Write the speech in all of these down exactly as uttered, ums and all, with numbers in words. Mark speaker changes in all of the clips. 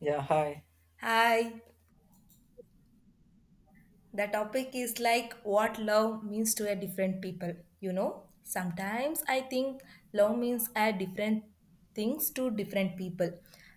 Speaker 1: Yeah, hi.
Speaker 2: Hi, the topic is like what love means to a different people. You know, sometimes I think love means a different things to different people.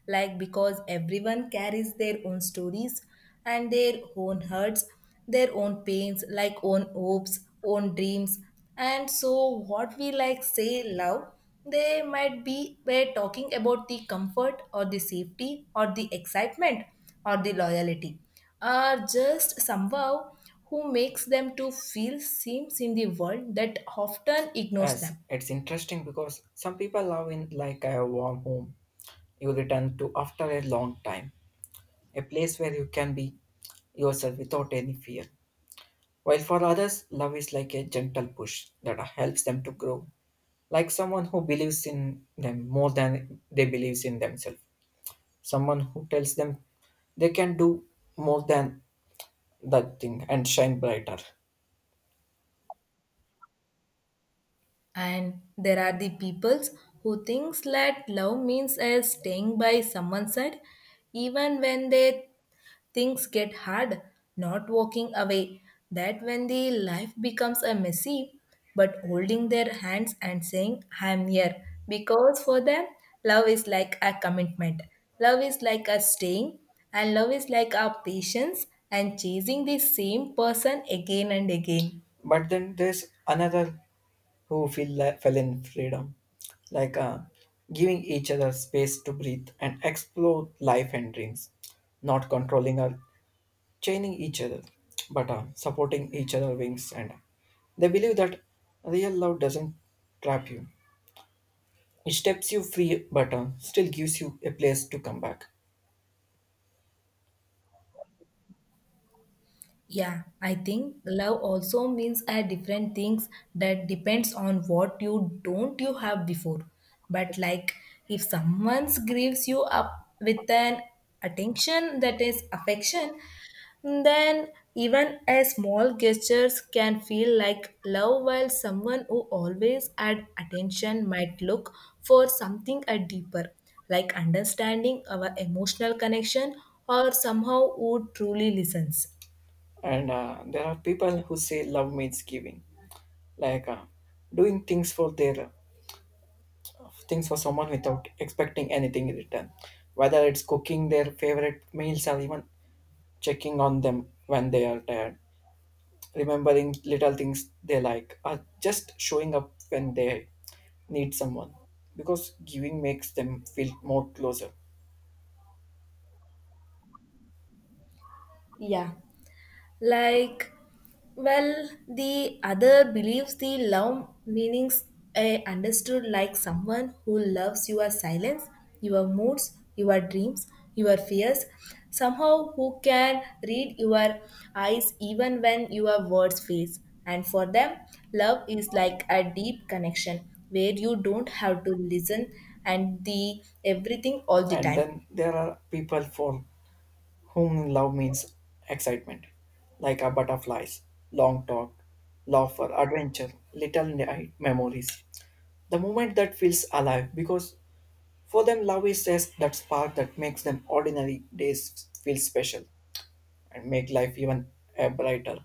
Speaker 2: Like because everyone carries their own stories and their own hurts, their own pains, like own hopes, own dreams. And so what we like say love they might be we're talking about the comfort or the safety or the excitement or the loyalty are just somehow who makes them to feel seems in the world that often ignores
Speaker 1: Yes,
Speaker 2: them.
Speaker 1: it's interesting because some people love in like a warm home you return to after a long time, a place where you can be yourself without any fear. While for others, love is like a gentle push that helps them to grow, like someone who believes in them more than they believes in themselves, someone who tells them they can do more than that thing and shine brighter.
Speaker 2: And there are the peoples who thinks that love means as staying by someone's side even when they things get hard, not walking away. That when the life becomes a messy, but holding their hands and saying, I am here. Because for them, love is like a commitment. Love is like a staying, and love is like our patience and chasing the same person again and again.
Speaker 1: But then there's another who feel like fell in freedom, like uh, giving each other space to breathe and explore life and dreams, not controlling or chaining each other, but uh, supporting each other wings. And they believe that real love doesn't trap you; it steps you free, but uh, still gives you a place to come back.
Speaker 2: Yeah, I think love also means a different things that depends on what you don't you have before. But like if someone gives you up with an attention that is affection, then even a small gestures can feel like love while someone who always add attention might look for something a deeper like understanding our emotional connection or somehow who truly listens.
Speaker 1: And uh, there are people who say love means giving, like uh, doing things for their things for someone without expecting anything in return, whether it's cooking their favorite meals or even checking on them when they are tired, remembering little things they like, or just showing up when they need someone. Because giving makes them feel more closer.
Speaker 2: Yeah. Like, well, the other believes the love meanings I understood like someone who loves your silence, your moods, your dreams, your fears, somehow who can read your eyes even when your words fails. And for them, love is like a deep connection where you don't have to listen and the everything all the
Speaker 1: And
Speaker 2: time.
Speaker 1: then there are people for whom love means excitement, like our butterflies, long talk, laughter, adventure, little night memories. The moment that feels alive because for them, love is just that spark that makes them ordinary days feel special and make life even uh, brighter.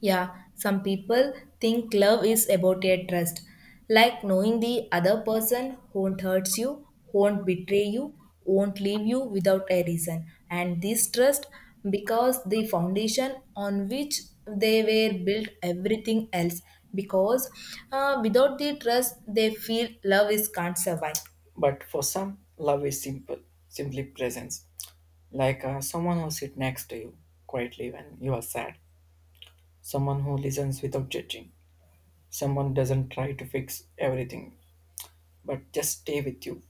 Speaker 2: Yeah, some people think love is about a trust, like knowing the other person won't hurt you, won't betray you, won't leave you without a reason. And this trust, because the foundation on which they were built everything else, because uh, without the trust, they feel love is can't survive.
Speaker 1: But for some, love is simple, simply presence. Like uh, someone who sits next to you quietly when you are sad, someone who listens without judging, someone doesn't try to fix everything but just stay with you,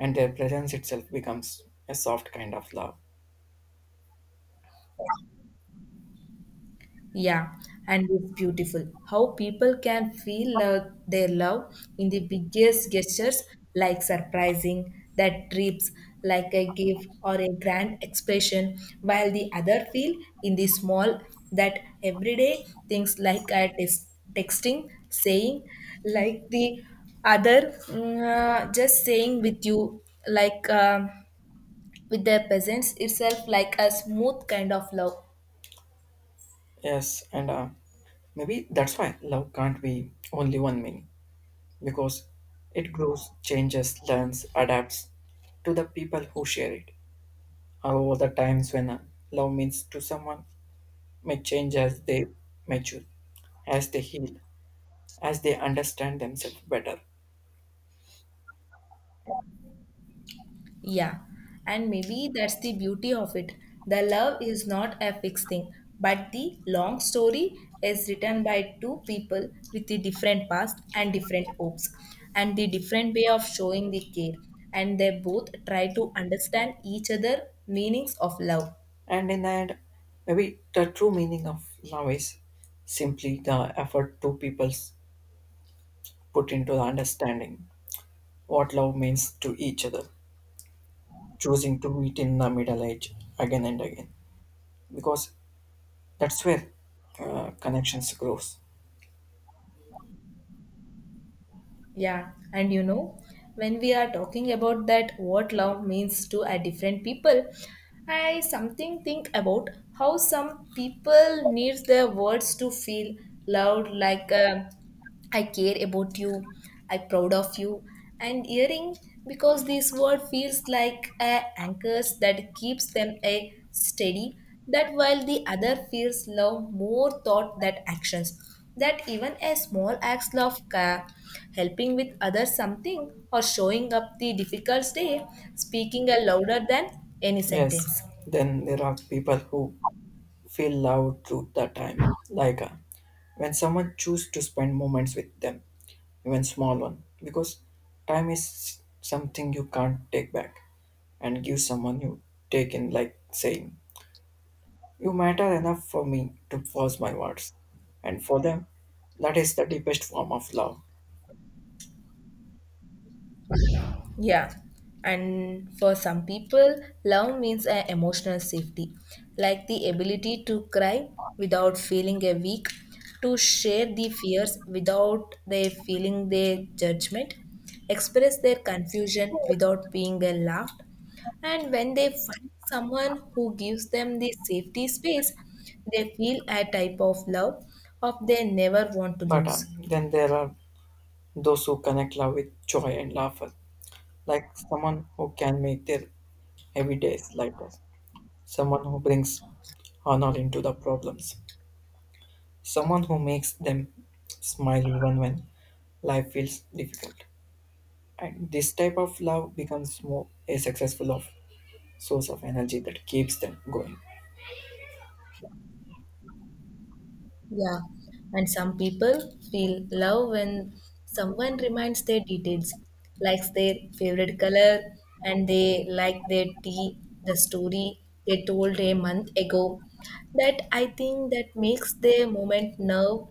Speaker 1: and their presence itself becomes a soft kind of love.
Speaker 2: Yeah, and it's beautiful how people can feel uh, their love in the biggest gestures, like surprising that trips, like a gift or a grand expression, while the other feel in the small that everyday things like a tex- texting, saying, like the other mm, uh, just saying with you, like um, with their presence itself, like a smooth kind of love.
Speaker 1: Yes, and uh, maybe that's why love can't be only one meaning because it grows, changes, learns, adapts to the people who share it. However, the times when uh, love means to someone may change as they mature, as they heal, as they understand themselves better.
Speaker 2: Yeah, and maybe that's the beauty of it. The love is not a fixed thing, but the long story is written by two people with the different past and different hopes and the different way of showing the care. And they both try to understand each other meanings of love.
Speaker 1: And in the end, maybe the true meaning of love is simply the effort two peoples put into the understanding what love means to each other, choosing to meet in the middle age again and again, because that's where uh, connections grows.
Speaker 2: Yeah, and you know, when we are talking about that what love means to a different people, I something think about how some people needs their words to feel loved like um I care about you, I proud of you. And earring because this word feels like a anchors that keeps them a steady that while the other feels love more thought that actions that even a small act of care helping with others something or showing up the difficult day speaking a louder than any
Speaker 1: Yes,
Speaker 2: sentence.
Speaker 1: then there are people who feel loved through the time, like uh, when someone choose to spend moments with them, even small one, because time is something you can't take back and give someone you take in, like saying, "You matter enough for me to pause my words," and for them, that is the deepest form of love.
Speaker 2: Yeah, and for some people, love means an emotional safety, like the ability to cry without feeling a weak, to share the fears without they feeling their judgment, express their confusion without being uh, laughed, and when they find someone who gives them the safety space, they feel a type of love of they never want to
Speaker 1: But
Speaker 2: lose.
Speaker 1: um, then there are those who connect love with joy and laughter, like someone who can make their heavy days lighter. Someone who brings honor into the problems, someone who makes them smile even when life feels difficult. And this type of love becomes more a successful of source of energy that keeps them going.
Speaker 2: Yeah, and some people feel love when someone reminds their details, likes their favorite color, and they like their tea, the story they told a month ago. That I think that makes their moment now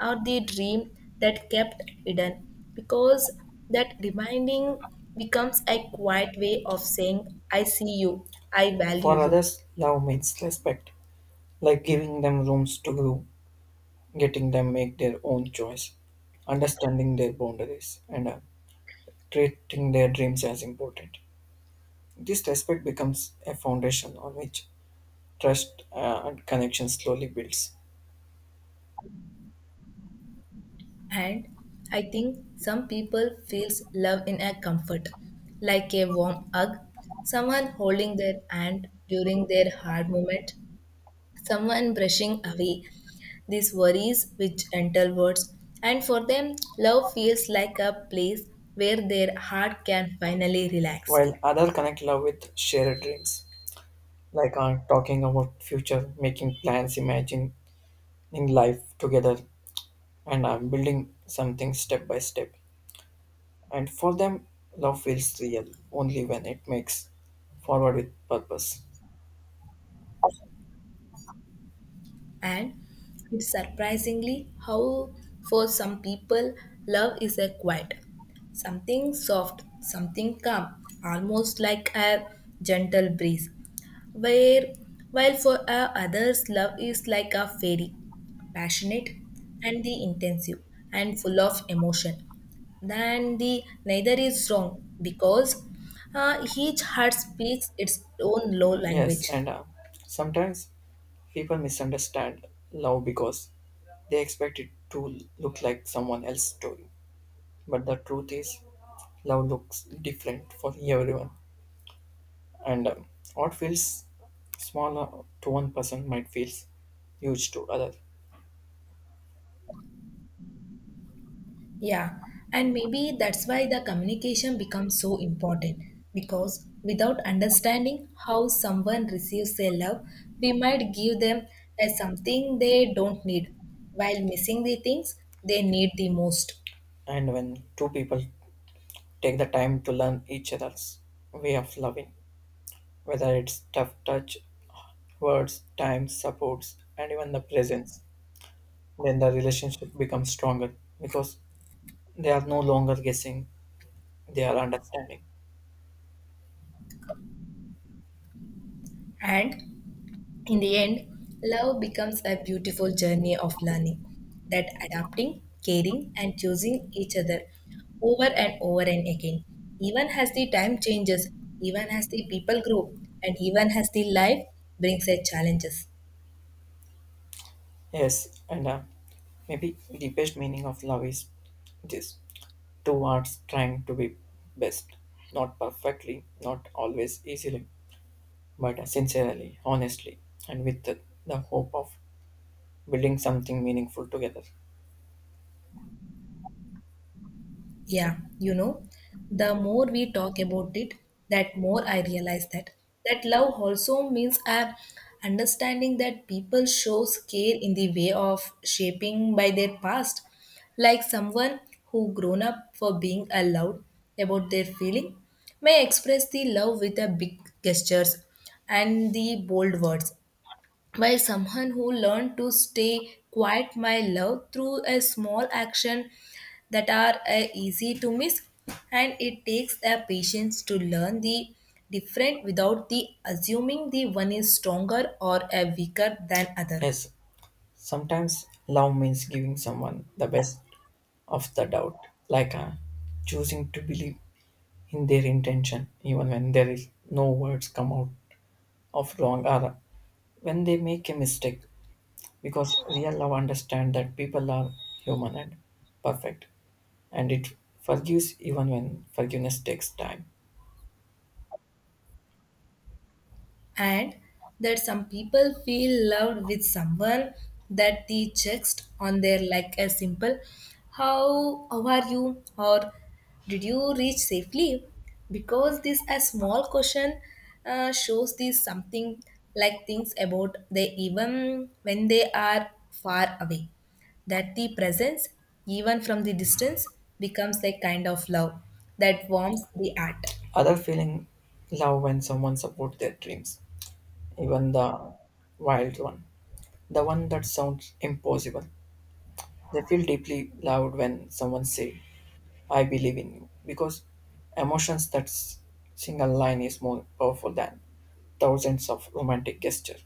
Speaker 2: or the dream that kept hidden because that reminding becomes a quiet way of saying, I see you, I value
Speaker 1: For
Speaker 2: you.
Speaker 1: others, love means respect, like giving them rooms to grow, getting them make their own choice, understanding their boundaries, and uh, treating their dreams as important. This respect becomes a foundation on which trust uh, and connection slowly builds.
Speaker 2: And I think some people feels love in a comfort, like a warm hug, someone holding their hand during their hard moment, someone brushing away these worries with gentle words. And for them, love feels like a place where their heart can finally relax.
Speaker 1: While others connect love with shared dreams, like uh, talking about future, making plans, imagining life together, and uh, building something step by step. And for them, love feels real only when it makes forward with purpose.
Speaker 2: And it's surprisingly how, for some people, love is a quiet, something soft, something calm, almost like a gentle breeze. Where, while for uh, others, love is like a fairy, passionate and the intensive and full of emotion. Then the neither is wrong because uh, each heart speaks its own low
Speaker 1: Yes,
Speaker 2: language.
Speaker 1: and uh, sometimes people misunderstand love because they expect it to look like someone else's story. But the truth is, love looks different for everyone. And um, what feels small uh, to one person might feel huge to other.
Speaker 2: Yeah, and maybe that's why the communication becomes so important because without understanding how someone receives their love, we might give them as something they don't need while missing the things they need the most.
Speaker 1: And when two people take the time to learn each other's way of loving, whether it's tough touch, words, time, supports, and even the presence, then the relationship becomes stronger because they are no longer guessing, they are understanding.
Speaker 2: And in the end, love becomes a beautiful journey of learning that adapting, caring, and choosing each other over and over and again. Even as the time changes, even as the people grow, and even as the life brings its challenges.
Speaker 1: Yes, and uh, maybe the best meaning of love is this towards trying to be best. Not perfectly, not always easily, but sincerely, honestly, and with the, the hope of building something meaningful together.
Speaker 2: Yeah, you know, the more we talk about it, that more I realize that that love also means a understanding that people shows care in the way of shaping by their past, like someone who grown up for being allowed about their feeling may express the love with a big gestures and the bold words by someone who learned to stay quiet my love through a small action that are uh, easy to miss and it takes a patience to learn the different without the assuming the one is stronger or a weaker than other.
Speaker 1: Yes, sometimes love means giving someone the best of the doubt, like uh, choosing to believe in their intention, even when there is no words come out of wrong or when they make a mistake. Because real love understands that people are human and perfect, and it forgives even when forgiveness takes time.
Speaker 2: And that some people feel loved with someone that they text on their like a simple how how are you or did you reach safely because this a small question uh, shows this something like things about they even when they are far away that the presence even from the distance becomes a kind of love that warms the heart.
Speaker 1: Other feeling love when someone supports their dreams, even the wild one, the one that sounds impossible. They feel deeply loved when someone say, "I believe in you," because emotions that s- single line is more powerful than thousands of romantic gestures.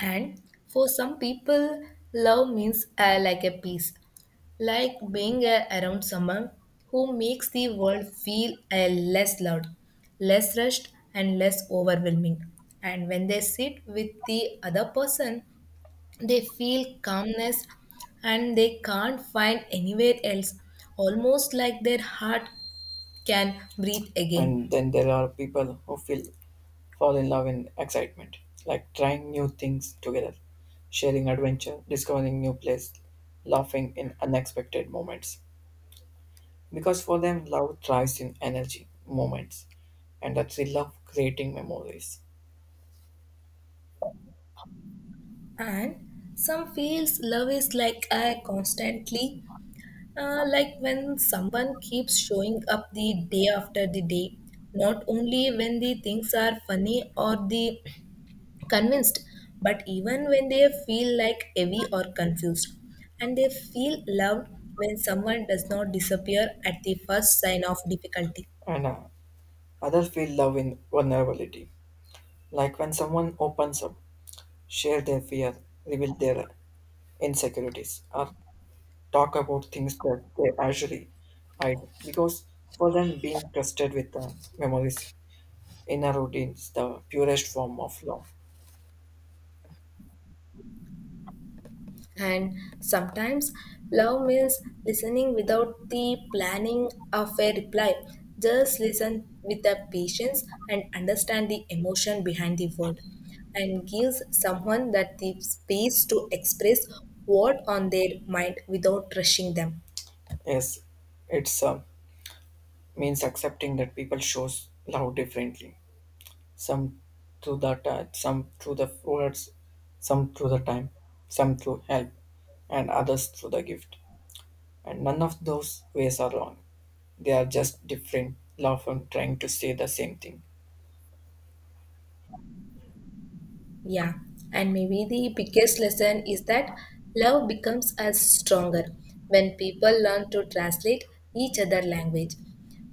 Speaker 2: And for some people, love means uh, like a peace, like being uh, around someone who makes the world feel uh, less loud, less rushed, and less overwhelming. And when they sit with the other person, they feel calmness and they can't find anywhere else, almost like their heart can breathe again.
Speaker 1: And then there are people who feel fall in love in excitement, like trying new things together, sharing adventure, discovering new place, laughing in unexpected moments. Because for them, love thrives in energy, moments, and the thrill of creating memories.
Speaker 2: And some feels love is like a constantly. Uh, like when someone keeps showing up the day after the day, not only when the things are funny or the convinced, but even when they feel like heavy or confused. And they feel loved when someone does not disappear at the first sign of difficulty.
Speaker 1: And uh, others feel love in vulnerability, like when someone opens up, share their fear, reveal their insecurities, or talk about things that they usually hide. Because for them, being trusted with uh, memories inner routines, the purest form of love.
Speaker 2: And sometimes love means listening without the planning of a reply. Just listen with the patience and understand the emotion behind the word and gives someone that the space to express what on their mind without rushing them.
Speaker 1: Yes, it's uh, means accepting that people shows love differently. Some through the touch, some through the words, some through the time, some through help, and others through the gift. And none of those ways are wrong. They are just different love and trying to say the same thing.
Speaker 2: Yeah, and maybe the biggest lesson is that love becomes as stronger when people learn to translate each other language.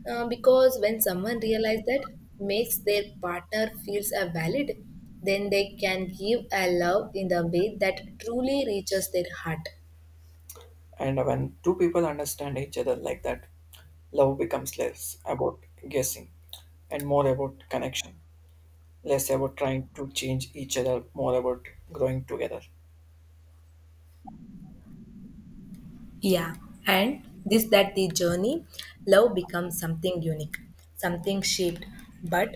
Speaker 2: Uh, because when someone realizes that makes their partner feels a valid, then they can give a love in the way that truly reaches their heart.
Speaker 1: And when two people understand each other like that, love becomes less about guessing and more about connection. Less about trying to change each other, more about growing together.
Speaker 2: Yeah, and this that the journey, love becomes something unique, something shaped, but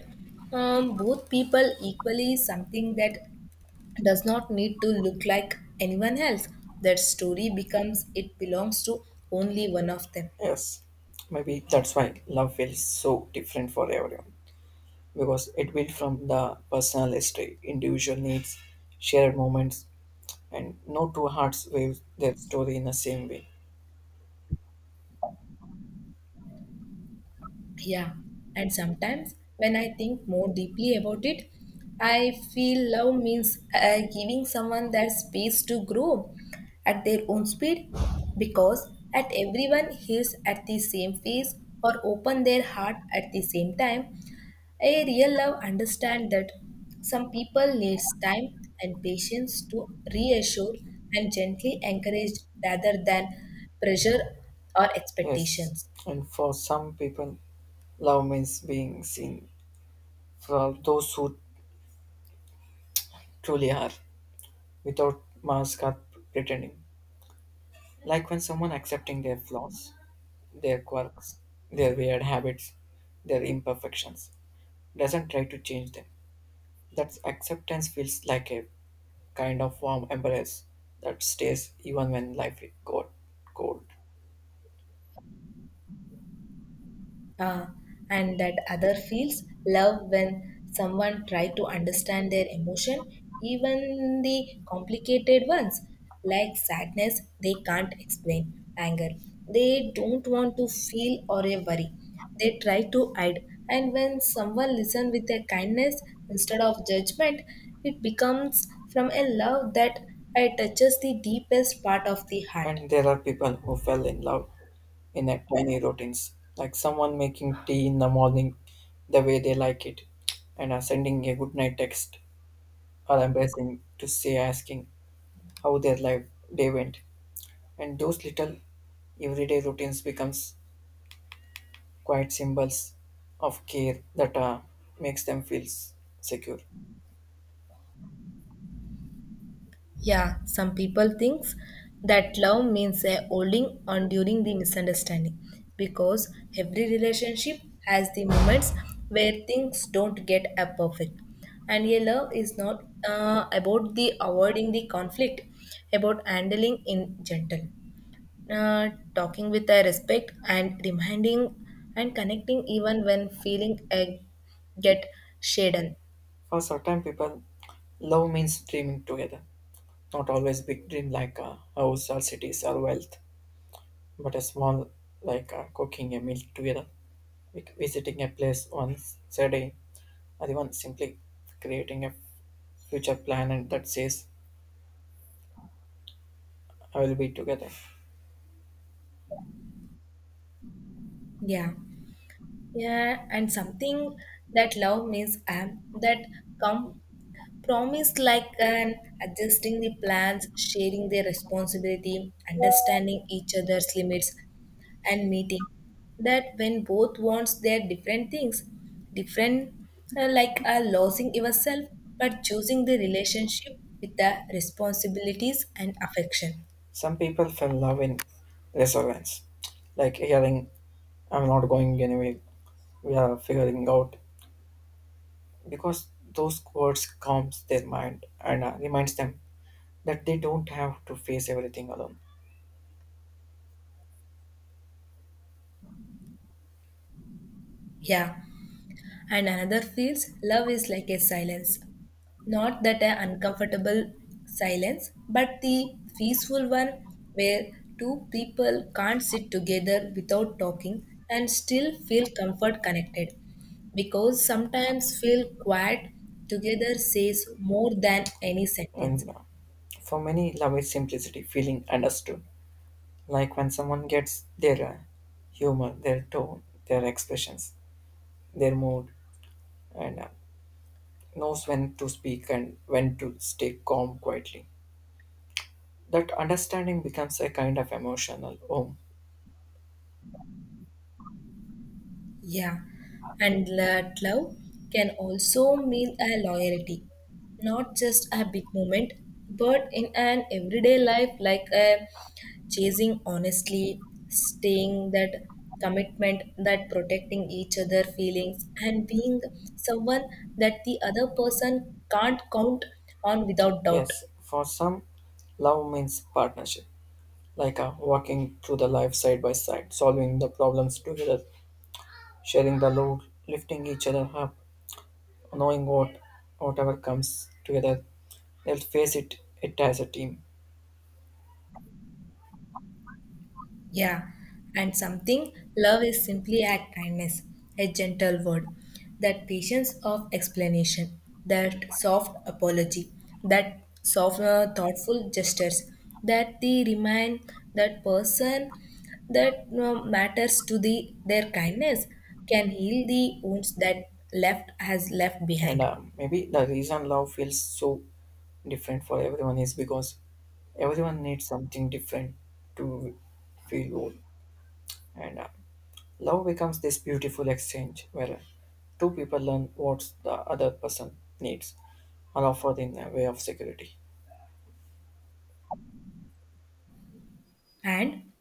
Speaker 2: um, both people equally something that does not need to look like anyone else. That story becomes it belongs to only one of them.
Speaker 1: Yes, maybe that's why love feels so different for everyone because it built from the personal history, individual needs, shared moments, and no two hearts weave their story in the same way.
Speaker 2: Yeah. And sometimes when I think more deeply about it, I feel love means uh, giving someone that space to grow at their own speed because at everyone heals at the same phase or open their heart at the same time. A real love understands that some people needs time and patience to reassure and gently encourage rather than pressure or
Speaker 1: Yes,
Speaker 2: expectations.
Speaker 1: and for some people, love means being seen for those who truly are without mask or pretending, like when someone accepting their flaws their quirks, their weird habits, their imperfections. Doesn't try to change them. That acceptance feels like a kind of warm embrace that stays even when life got cold.
Speaker 2: uh, and that other feels love when someone tries to understand their emotion even the complicated ones like sadness they can't explain anger they don't want to feel or a worry they try to hide and when someone listens with a kindness instead of judgment it becomes from a love that uh, touches the deepest part of the heart.
Speaker 1: And there are people who fell in love in a tiny routines, like someone making tea in the morning the way they like it, and are sending a good night text or embracing to say asking how their life day went. And those little everyday routines becomes quiet symbols of care that uh, makes them feel s- secure.
Speaker 2: Yeah, some people thinks that love means a holding on during the misunderstanding because every relationship has the moments where things don't get a perfect. And a love is not uh, about the avoiding the conflict, about handling in gentle, uh, talking with a respect and reminding and connecting even when feeling a get shaded.
Speaker 1: For certain people, love means dreaming together. Not always big dream like a house or cities or wealth, but a small like uh, cooking a meal together, vi- visiting a place once a day, or even simply creating a future plan and that says I will be together.
Speaker 2: Yeah. Yeah, and something that love means am that come promise like an adjusting the plans, sharing their responsibility, understanding each other's limits, and meeting. That when both wants their different things, different uh, like uh, losing yourself, but choosing the relationship with the responsibilities and affection.
Speaker 1: Some people fell in love in resilience, like hearing I'm not going anywhere, we are figuring out because those words calms their mind and uh, reminds them that they don't have to face everything alone
Speaker 2: Yeah. And another feels love is like a silence. Not that an uncomfortable silence, but the peaceful one where two people can't sit together without talking and still feel comfort connected. Because sometimes feel quiet together says more than any sentence.
Speaker 1: and uh, for many love is simplicity feeling understood like when someone gets their uh, humor their tone their expressions their mood and uh, knows when to speak and when to stay calm quietly that understanding becomes a kind of emotional home
Speaker 2: Yeah, and that love can also mean a loyalty, not just a big moment, but in an everyday life, like a chasing honestly, staying that commitment, that protecting each other feelings, and being someone that the other person can't count on without doubt.
Speaker 1: yes for some love means partnership like uh, walking through the life side by side, solving the problems together, sharing the load, lifting each other up, knowing what whatever comes together, they'll face it it as a team.
Speaker 2: Yeah, and something love is simply a kindness, a gentle word, that patience of explanation, that soft apology, that soft, uh, thoughtful gestures, that they remind that person that uh, matters to the their kindness can heal the wounds that left has left
Speaker 1: And
Speaker 2: behind.
Speaker 1: uh, maybe the reason love feels so different for everyone is because everyone needs something different to feel whole. And uh, love becomes this beautiful exchange where two people learn what the other person needs, and offer in a way of security.
Speaker 2: And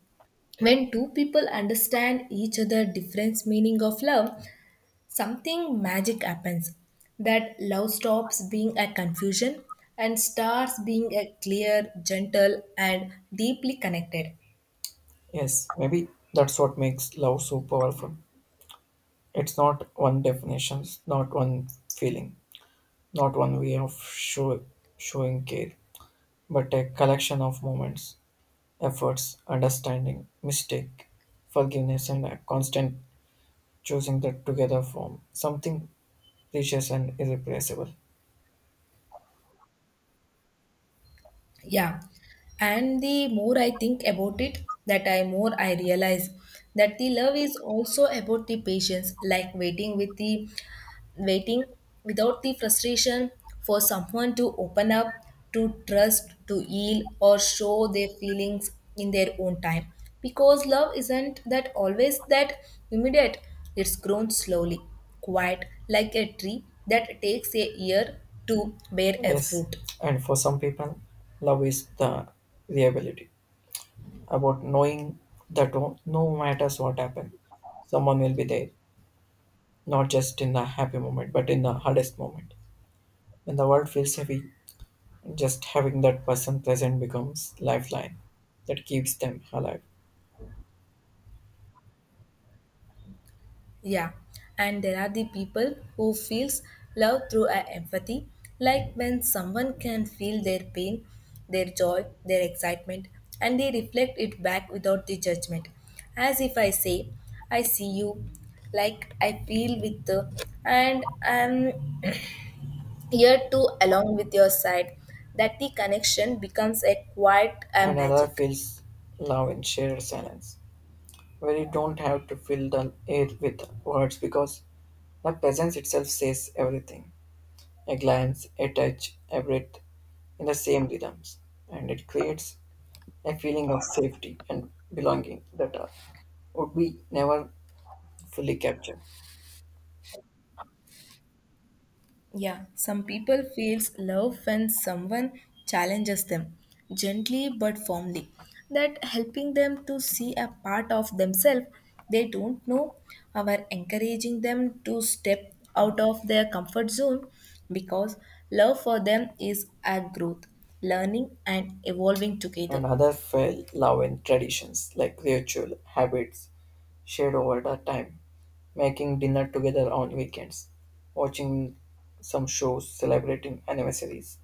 Speaker 2: when two people understand each other different meaning of love, something magic happens that love stops being a confusion and starts being a clear, gentle, and deeply connected.
Speaker 1: Yes, maybe that's what makes love so powerful. It's not one definition, not one feeling, not one way of show, showing care, but a collection of moments, efforts, understanding, mistake, forgiveness, and a constant choosing that together form something precious and irreplaceable.
Speaker 2: Yeah. And the more I think about it, that I more I realize that the love is also about the patience, like waiting with the waiting without the frustration for someone to open up, to trust, to yield, or show their feelings in their own time. Because love isn't that always that immediate. It's grown slowly, quiet, like a tree that takes a year to bear a
Speaker 1: Yes,
Speaker 2: fruit.
Speaker 1: and for some people, love is the reliability about knowing that no no matters what happen, someone will be there not just in the happy moment, but in the hardest moment. When the world feels heavy, just having that person present becomes lifeline that keeps them alive.
Speaker 2: Yeah, and there are the people who feels love through a empathy, like when someone can feel their pain, their joy, their excitement, and they reflect it back without the judgment. As if I say, I see you, like I feel with the, and I'm here to along with your side, that the connection becomes a quiet uh,
Speaker 1: And another
Speaker 2: magic.
Speaker 1: feels love in shared silence, where you don't have to fill the air with words because the presence itself says everything. A glance, a touch, a breath in the same rhythms, and it creates a feeling of safety and belonging that uh, would be never fully captured.
Speaker 2: Yeah, some people feels love when someone challenges them gently but firmly that helping them to see a part of themselves they don't know our encouraging them to step out of their comfort zone because love for them is a growth learning and evolving together.
Speaker 1: And others fell love in traditions like ritual habits shared over the time, making dinner together on weekends, watching some shows, celebrating anniversaries,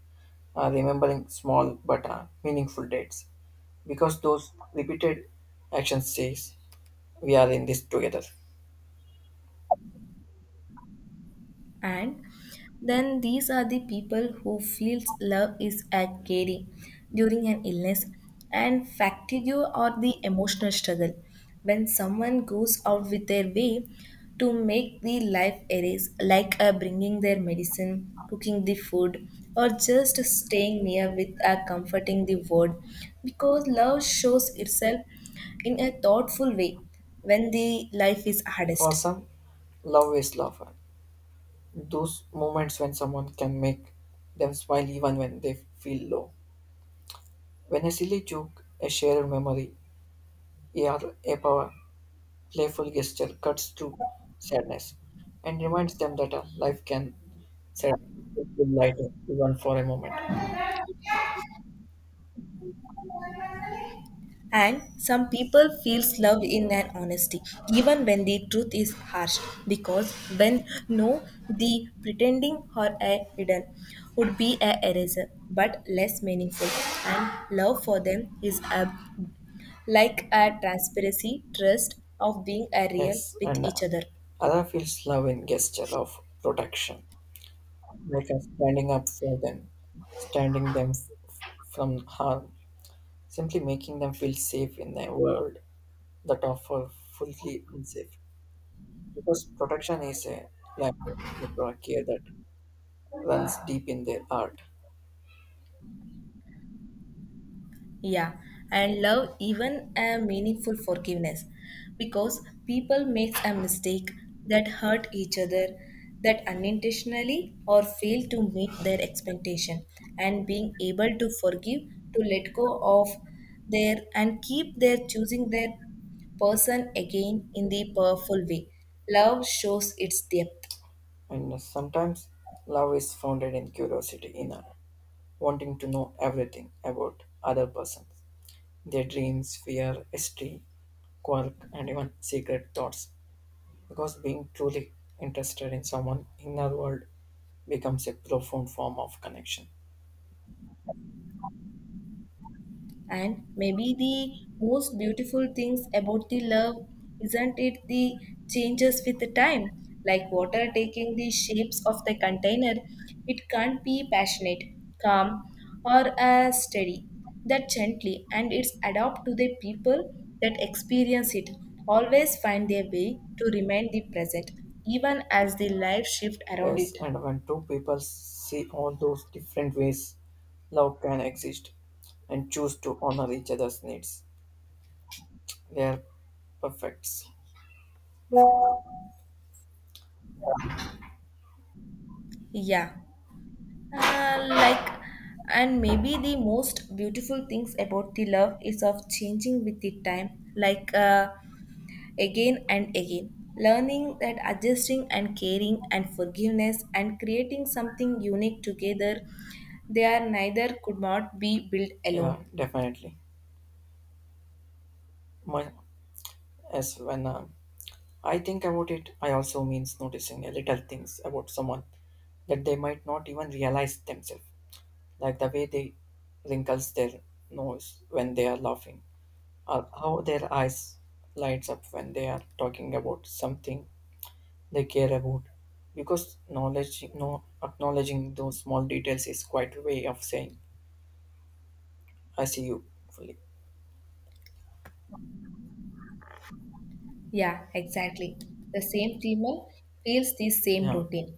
Speaker 1: uh, remembering small but uh, meaningful dates. Because those repeated actions says we are in this together.
Speaker 2: And then these are the people who feels love is a caring during an illness and fatigue or the emotional struggle when someone goes out with their way to make the life arrays like uh, bringing their medicine cooking the food or just staying near with a comforting the word because love shows itself in a thoughtful way when the life is
Speaker 1: For
Speaker 2: hardest.
Speaker 1: some, love is love. Those moments when someone can make them smile even when they feel low. When a silly joke, a shared memory, or a power playful gesture cuts through sadness and reminds them that uh, life can sadly feel lighter even for a moment.
Speaker 2: And some people feels love in an honesty, even when the truth is harsh, because when no, the pretending or a hidden would be a eraser, but less meaningful. And love for them is a like a transparency, trust of being a real
Speaker 1: Yes,
Speaker 2: with
Speaker 1: and uh,
Speaker 2: each other.
Speaker 1: other feels love in gesture of protection, like uh, standing up for them, standing them f- f- from harm, simply making them feel safe in a world that offer fully unsafe. Because protection is a language of uh, care that runs deep in their heart,
Speaker 2: Yeah, and love even a meaningful forgiveness because people makes a mistake that hurt each other that unintentionally or fail to meet their expectation and being able to forgive to let go of their and keep their choosing their person again in the powerful way love shows its depth.
Speaker 1: and sometimes love is founded in curiosity, in art. Wanting to know everything about other persons, their dreams, fear, history, quirk, and even secret thoughts. Because being truly interested in someone inner world becomes a profound form of connection.
Speaker 2: And maybe the most beautiful things about the love isn't it the changes with the time, like water taking the shapes of the container. It can't be passionate, calm, or uh, steady. That gently, and it's adapt to the people that experience it. Always find their way to remain the present, even as the life shift around
Speaker 1: Yes,
Speaker 2: it.
Speaker 1: and when two people see all those different ways love can exist and choose to honor each other's needs, they are perfects.
Speaker 2: Yeah. Uh, like and maybe the most beautiful things about the love is of changing with the time like uh, again and again learning that adjusting and caring and forgiveness and creating something unique together they are neither could not be built alone.
Speaker 1: Yeah, definitely. My, as when um I think about it, I also means noticing a little things about someone that they might not even realize themselves, like the way they wrinkles their nose when they are laughing, or how their eyes lights up when they are talking about something they care about. Because knowledge, no, acknowledging those small details is quite a way of saying "I see you" fully.
Speaker 2: Yeah, exactly, the same female feels the same
Speaker 1: Yeah,
Speaker 2: routine,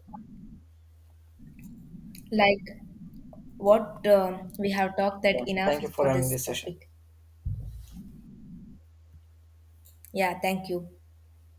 Speaker 2: like what um, we have talked that
Speaker 1: yeah.
Speaker 2: enough
Speaker 1: Thank you for
Speaker 2: for
Speaker 1: having
Speaker 2: this
Speaker 1: this session.
Speaker 2: topic. Yeah, thank you.